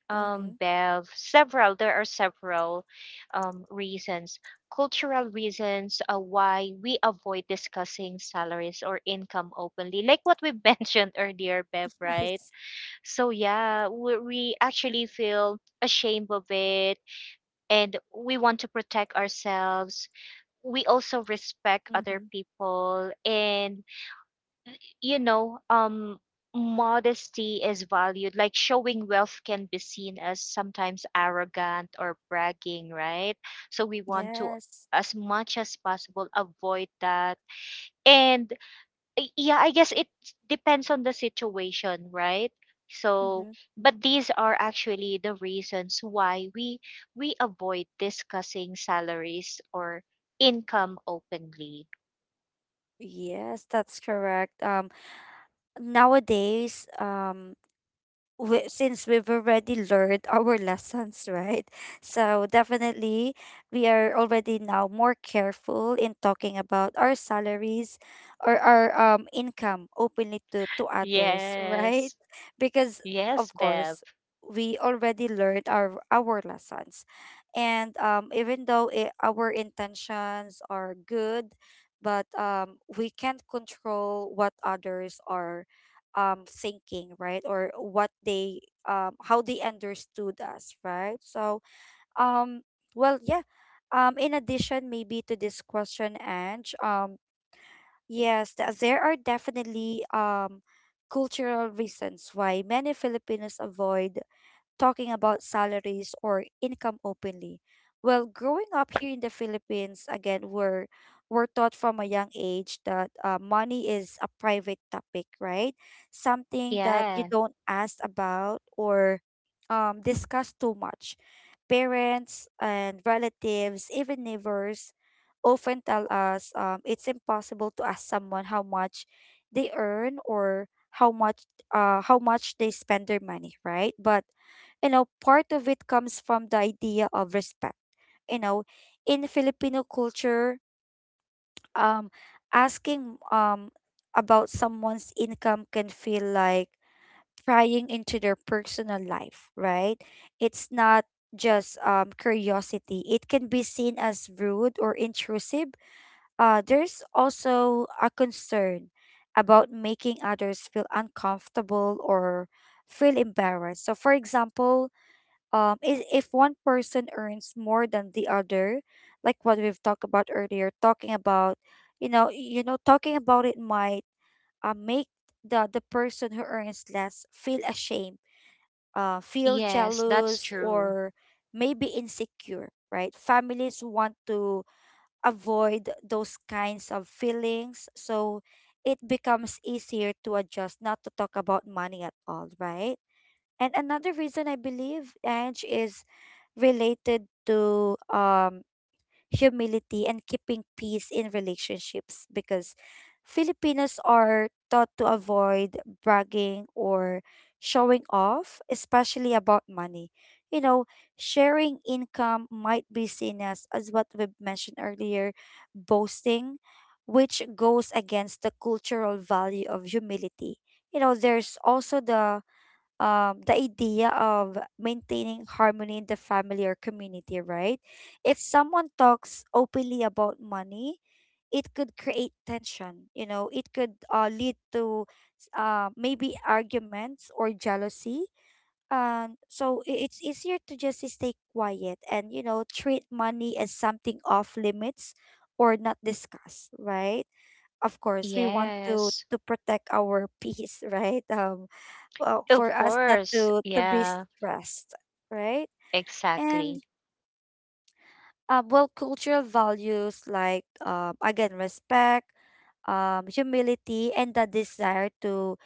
A: Mm-hmm.
B: Bev, several. There are several reasons, cultural reasons why we avoid discussing salaries or income openly, like what we mentioned earlier, Bev, right?
A: Yes.
B: So, yeah, we actually feel ashamed of it, and we want to protect ourselves. We also respect other
A: Mm-hmm.
B: people, and you know, modesty is valued. Like showing wealth can be seen as sometimes arrogant or bragging, right? So we want to,
A: Yes.
B: as much as possible, avoid that. And yeah, I guess it depends on the situation, right? So,
A: Mm-hmm.
B: but these are actually the reasons why we avoid discussing salaries or income openly.
A: Yes, that's correct. Nowadays, since we've already learned our lessons, right? So definitely, we are already now more careful in talking about our salaries or our income openly to others, right?
B: Yes.
A: Because
B: Yes,
A: of
B: Bev.
A: course, we already learned our lessons, and even though our intentions are good, but we can't control what others are thinking, right? Or what they how they understood us, right? So um well, yeah. In addition maybe to this question, Ange, yes, there are definitely cultural reasons why many Filipinos avoid talking about salaries or income openly. Well, growing up here in the Philippines, again, we're taught from a young age that money is a private topic, right? Something that you
B: Yeah.
A: don't ask about or discuss too much. Parents and relatives, even neighbors, often tell us it's impossible to ask someone how much they earn, or how much how much they spend their money, right? But you know, part of it comes from the idea of respect. You know, in Filipino culture, um, asking about someone's income can feel like prying into their personal life, right? It's not just curiosity. It can be seen as rude or intrusive. There's also a concern about making others feel uncomfortable or feel embarrassed. So, for example, is if one person earns more than the other, like what we've talked about earlier, talking about, you know, talking about it might make the person who earns less feel ashamed, feel
B: Yes, that's
A: jealous,
B: true.
A: or maybe insecure, right? Families want to avoid those kinds of feelings. So it becomes easier to adjust, not to talk about money at all, right? And another reason I believe, Ange, is related to humility, and keeping peace in relationships, because Filipinos are taught to avoid bragging or showing off, especially about money. You know, sharing income might be seen as what we've mentioned earlier, boasting, which goes against the cultural value of humility. You know, there's also the idea of maintaining harmony in the family or community, right? If someone talks openly about money, it could create tension. You know, it could lead to maybe arguments or jealousy. And so it's easier to just stay quiet and, you know, treat money as something off limits or not discuss, right? Of course we want to
B: Yes.
A: to protect our peace, right? Well, for
B: Of
A: us not
B: course.
A: to be
B: Yeah,
A: stressed, right?
B: exactly.
A: And well, cultural values like again, respect, humility, and the desire to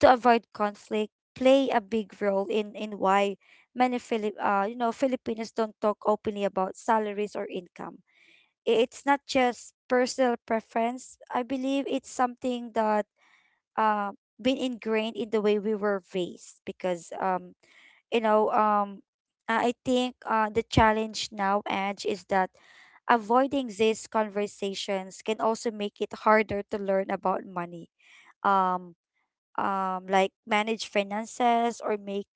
A: to avoid conflict play a big role in why many Filipinos don't talk openly about salaries or income. It's not just personal preference, I believe. It's something that uh, been ingrained in the way we were raised, because you know um I think the challenge now, Edge, is that avoiding these conversations can also make it harder to learn about money. Um, like manage finances or make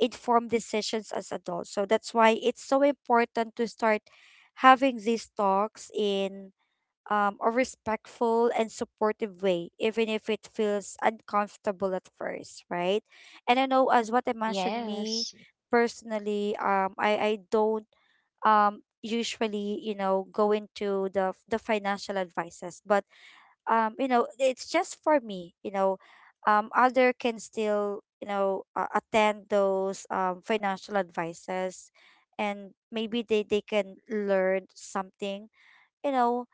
A: informed decisions as adults. So that's why it's so important to start having these talks in a respectful and supportive way, even if it feels uncomfortable at first, right? And I know, as what I mentioned, me
B: Yes.
A: personally, I don't usually, you know, go into the financial advices, but you know, it's just for me. Other can still, you know, attend those financial advices, and maybe they can learn something, you know.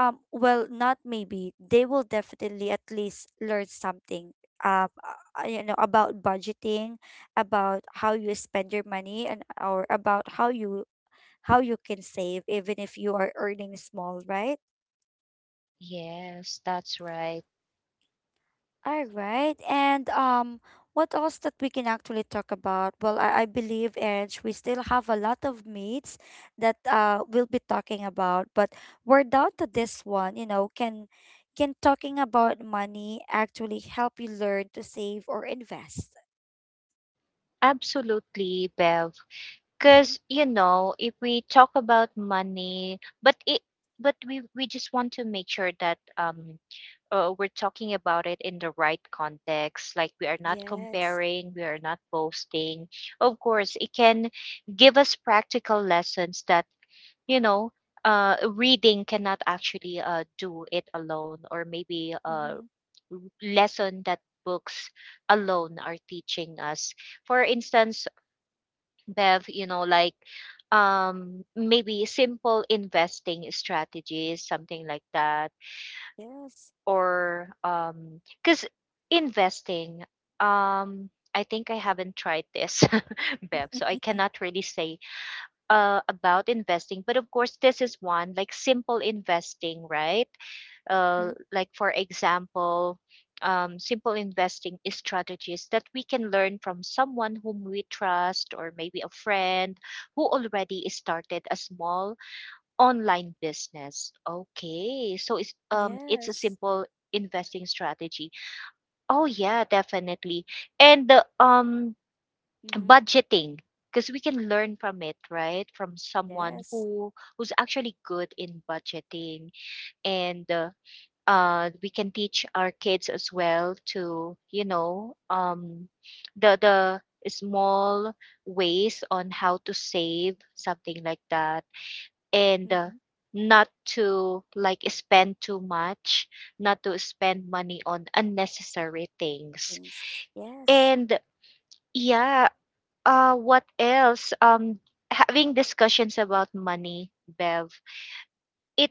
A: Well, not maybe — they will definitely at least learn something. Um, you know, about budgeting, about how you spend your money, and or about how you can save even if you are earning small, right?
B: Yes, that's right.
A: All right. And what else that we can actually talk about? Well, I believe, Edge, we still have a lot of meats that we'll be talking about, but we're down to this one, you know, can talking about money actually help you learn to save or invest?
B: Absolutely, Bev.
A: Mm-hmm.
B: Cuz you know, if we talk about money, but it but we just want to make sure that we're talking about it in the right context. Like we are not
A: Yes.
B: comparing, we are not boasting. Of course, it can give us practical lessons that, you know, reading cannot actually do it alone, or maybe a
A: Mm-hmm.
B: lesson that books alone are teaching us. For instance, Bev, you know, like maybe simple investing strategies, something like that,
A: Yes.
B: or because investing, um, I think I haven't tried this, Bev, so I
A: Mm-hmm.
B: cannot really say about investing, but of course, this is one like simple investing, right? Like for example, simple investing is strategies that we can learn from someone whom we trust, or maybe a friend who already started a small online business. Okay, so it's a
A: Yes.
B: simple investing strategy. Oh yeah, definitely. And the,
A: Mm-hmm.
B: budgeting, because we can learn from it, right? From someone
A: Yes.
B: who who's actually good in budgeting. And we can teach our kids as well to, you know, the small ways on how to save, something like that. And
A: Mm-hmm.
B: not to like spend too much, not to spend money on unnecessary things.
A: Things. Yes.
B: And yeah, what else? Having discussions about money, Bev, it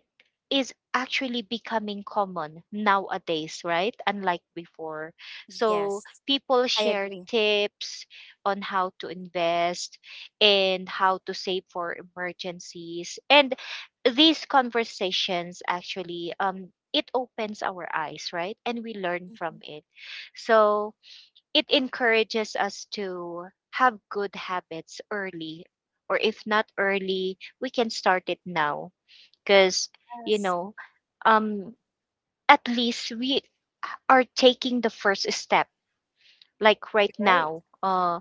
B: is actually becoming common nowadays, right? Unlike before. So
A: Yes,
B: people
A: I
B: share
A: agree.
B: tips on how to invest and how to save for emergencies. And these conversations actually it opens our eyes, right? And we learn from
A: Hmm.
B: it. So it encourages us to have good habits early, or if not early, we can start it now, because you
A: Yes.
B: know, um at least we are taking the first step, like
A: You're
B: right
A: right.
B: now. Uh,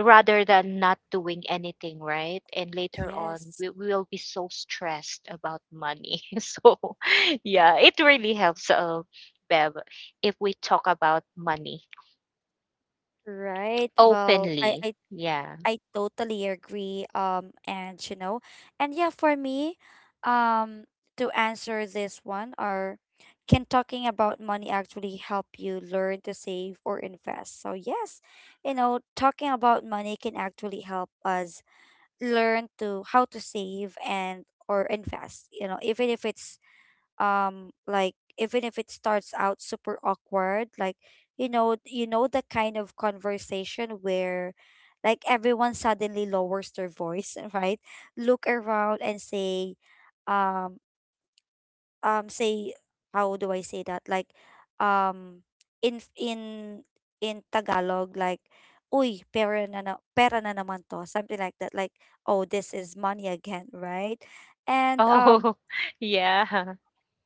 B: rather than not doing anything, right? And later on,
A: Yes,
B: we will be so stressed about money. So yeah, it really helps, Bev, if we talk about money
A: right. Well, I
B: openly.
A: I
B: Yeah.
A: I totally agree. And yeah, for me, um, to answer this one, or can talking about money actually help you learn to save or invest? So yes, talking about money can actually help us learn to how to save and or invest. You know, even if it's like, even if it starts out super awkward, like, you know, the kind of conversation where like everyone suddenly lowers their voice right? Look around and say, um say, how do I say that? Like, um in in in Tagalog, like, "uy pera na, na pera na naman to," something like that, like, "oh this is money again," right? And
B: Oh, yeah.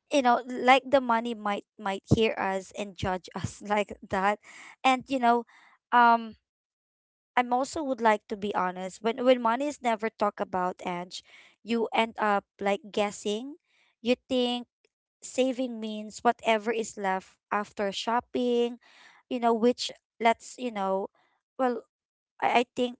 A: you know, like, the money might hear us and judge us like that. And, you know, um I'm also would like to be honest: when money is never talked about, Edge, you end up like guessing. You think saving means whatever is left after shopping, you know, which lets you know, well, I think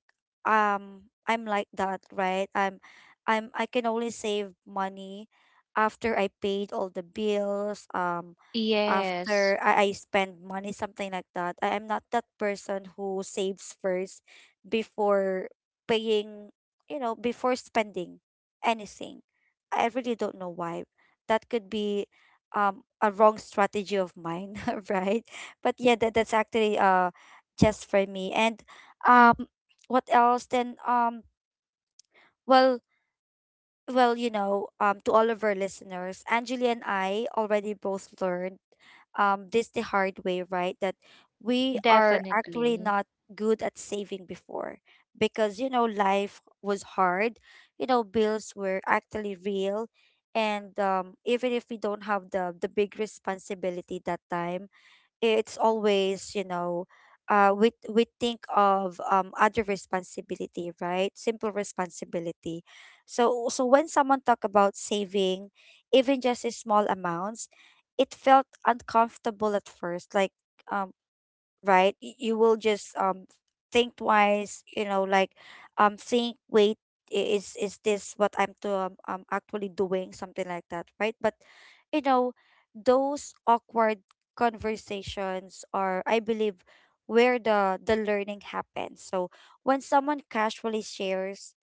A: I'm like that, right? I can only save money after I paid all the bills,
B: Yes,
A: after I spend money, something like that. I am not that person who saves first before paying, you know, before spending anything. I really don't know why. That could be a wrong strategy of mine right? But yeah, that's actually just for me. And um what else then? Um well well you know um to all of our listeners, Angeli and I already both learned this the hard way, right? That we are actually
B: definitely.
A: not good at saving before, because, you know, life was hard, you know, bills were actually real. And even if we don't have the big responsibility that time, it's always, you know, we think of other responsibility, right? Simple responsibility. So so when someone talk about saving, even just a small amounts, it felt uncomfortable at first, like um right? You will just think twice, you know, like, think, wait, is this what I'm to actually doing, something like that, right? But you know, those awkward conversations are, I believe, where the learning happens. So when someone casually shares,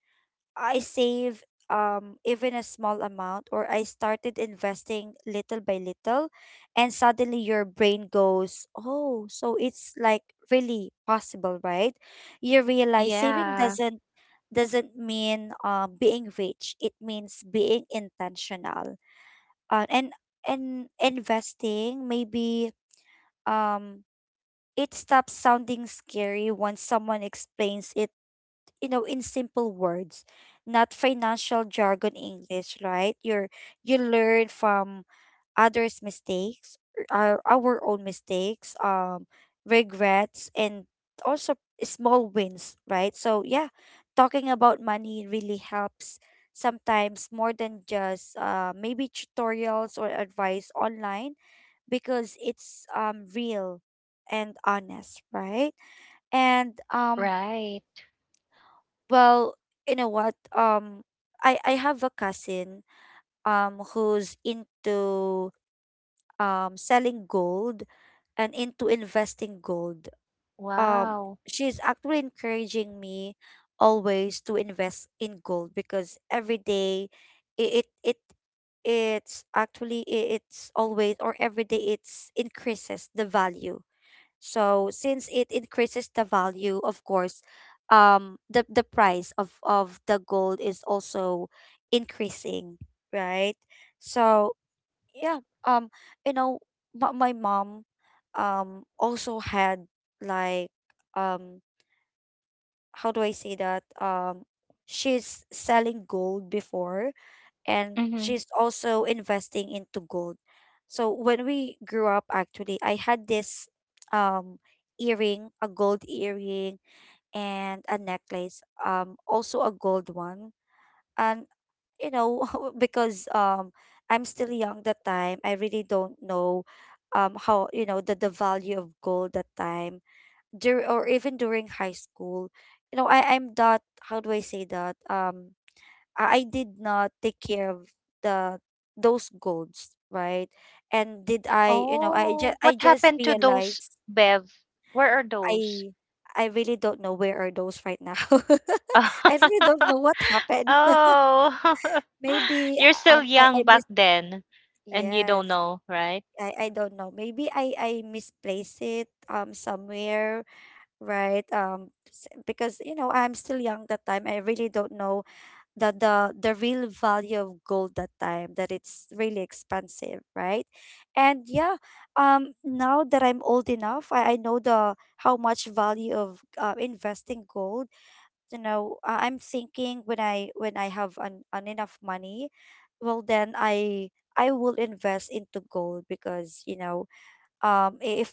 A: "I save even a small amount," or, "I started investing little by little," and suddenly your brain goes, "Oh, so it's like really possible, right?" You realize saving
B: Yeah,
A: doesn't mean being rich. It means being intentional. Uh, and and investing, maybe um it stops sounding scary once someone explains it, you know, in simple words, not financial jargon English, right? You learn from others mistakes, our own mistakes, regrets, and also small wins, right? So yeah, talking about money really helps, sometimes more than just maybe tutorials or advice online, because it's real and honest, right? and
B: right.
A: Well, you know what? I have a cousin who's into selling gold and into investing gold. Um,
B: Wow.
A: she's actually encouraging me always to invest in gold because every day it it, it it's actually, it's always, or every day it's increases the value. So since it increases the value, of course, the price of the gold is also increasing, right? So yeah, you know my mom also had, like, um how do I say that? She's selling gold before, and
B: Hmm.
A: she's also investing into gold. So when we grew up, actually, I had this um earring, a gold earring, and a necklace, also a gold one. And, you know, because I'm still young that time, I really don't know how, you know, the value of gold that time. Or even during high school. You know, I, I'm that how do I say that? I did not take care of the those goals, right? And did I, you know,
B: Oh,
A: I
B: what
A: just
B: happened to those,
A: realized.
B: Bev? Where are those?
A: I I really don't know where are those right now. I really don't know what happened.
B: Oh.
A: Maybe
B: You're still
A: I
B: young back
A: mis
B: then, and you
A: yes.
B: don't know, right?
A: I don't know. Maybe I misplaced it somewhere, right? Because, you know, I'm still young that time. I really don't know the the the real value of gold that time, that it's really expensive, right? And yeah, now that I'm old enough, I know the how much value of investing gold. You know, I'm thinking, when I have an enough money, well then I will invest into gold, because, you know, if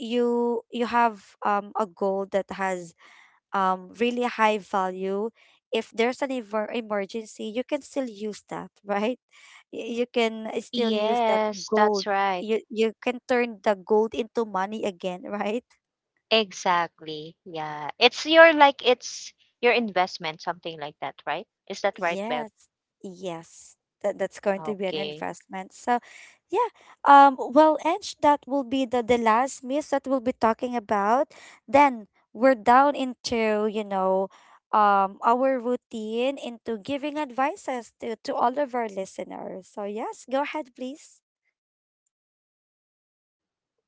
A: you have a gold that has really high value, if there's an emergency, you can still use that right? You can still use that
B: Yes,
A: gold.
B: that's right.
A: You can turn the gold into money again right?
B: Exactly. Yeah. It's your like it's your investment, something like that, right? Is that right, Bev?
A: Yes, yes, that's going to be an
B: Okay.
A: investment. So, yeah, well, Ange, that will be the last myth that we'll be talking about. Then we're down into, you know, our routine into giving advices to all of our listeners. So yes, go ahead please.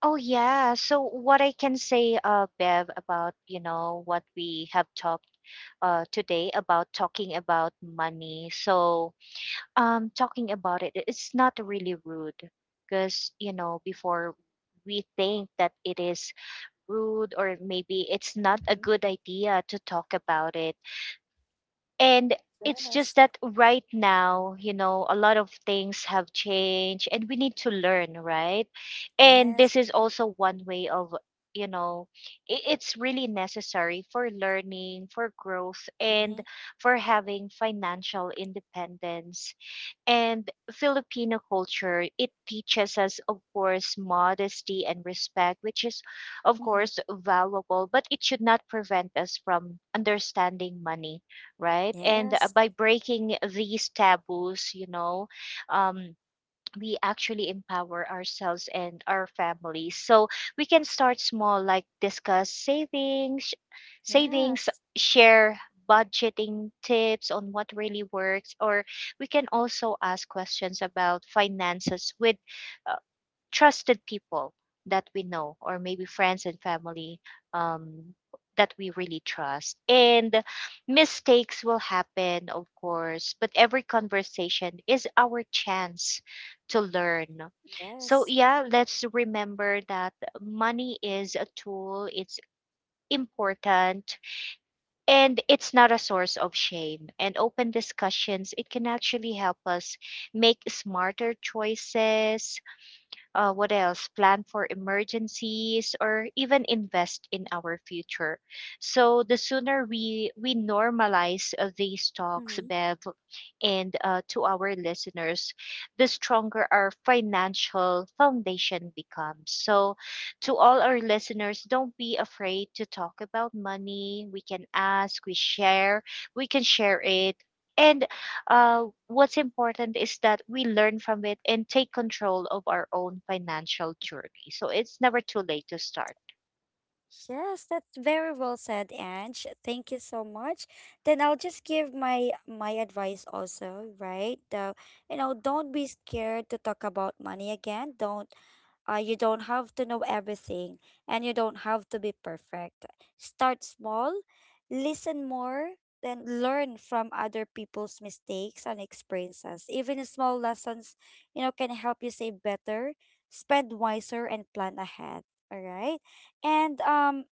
B: Oh yeah. So what I can say, Bev, about you know what we have talked today about talking about money. So talking about it, it's not really rude because you know before we think that it is rude, or maybe it's not a
A: Mhm.
B: good idea to talk about it. And it's
A: Yes.
B: just that right now, you know, a lot of things have changed, and we need to learn, right? And
A: Yes.
B: this is also one way of, you know, it's really necessary for learning, for growth, and
A: Mm-hmm.
B: for having financial independence. And Filipino culture, it teaches us, of course, modesty and respect, which is, of
A: Mm-hmm.
B: course, valuable, but it should not prevent us from understanding money, right? And
A: Yes.
B: by breaking these taboos, you know, um, we actually empower ourselves and our families. So we can start small, like discuss savings, savings,
A: Yes.
B: share budgeting tips on what really works, or we can also ask questions about finances with trusted people that we know, or maybe friends and family um, that we really trust. And mistakes will happen, of course, but every conversation is our chance to learn. So,
A: Yes.
B: yeah, let's remember that money is a tool, it's important, and it's not a source of shame. And open discussions, it can actually help us make smarter choices. Uh, what else? Plan for emergencies or even invest in our future. So the sooner we normalize these talks,
A: Mm-hmm.
B: Bev, and to our listeners, the stronger our financial foundation becomes. So to all our listeners, don't be afraid to talk about money. We can ask, we share, we can share it. And uh, what's important is that we learn from it and take control of our own financial journey. So it's never too late to start.
A: Yes, that's very well said, Ange. Thank you so much. Then I'll just give my advice also, right? You know, don't be scared to talk about money again. Don't You don't have to know everything, and you don't have to be perfect. Start small, listen more, then learn from other people's mistakes and experiences. Even small lessons, you know, can help you save better, spend wiser, and plan ahead. All right. And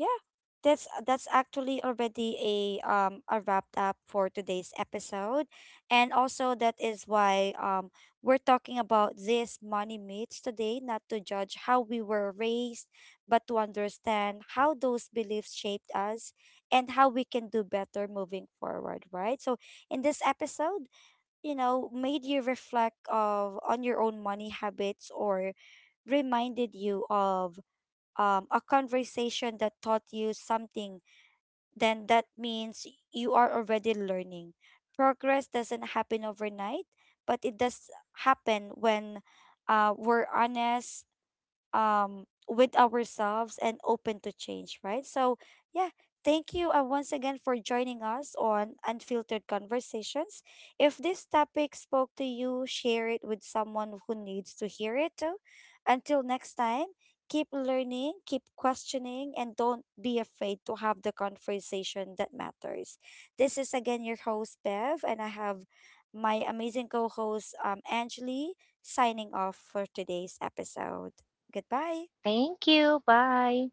A: yeah, that's actually already a wrapped up for today's episode, and also that is why we're talking about these money myths today, not to judge how we were raised, but to understand how those beliefs shaped us and how we can do better moving forward, right? So in this episode, you know, made you reflect of on your own money habits, or reminded you of a conversation that taught you something, then that means you are already learning. Progress doesn't happen overnight, but it does happen when we're honest, with ourselves and open to change, right? So, yeah, thank you once again for joining us on Unfiltered Conversations. If this topic spoke to you, share it with someone who needs to hear it too. Until next time, keep learning, keep questioning, and don't be afraid to have the conversation that matters. This is again your host, Bev, and I have my amazing co host, Angeli, signing off for today's episode. Goodbye.
B: Thank you. Bye.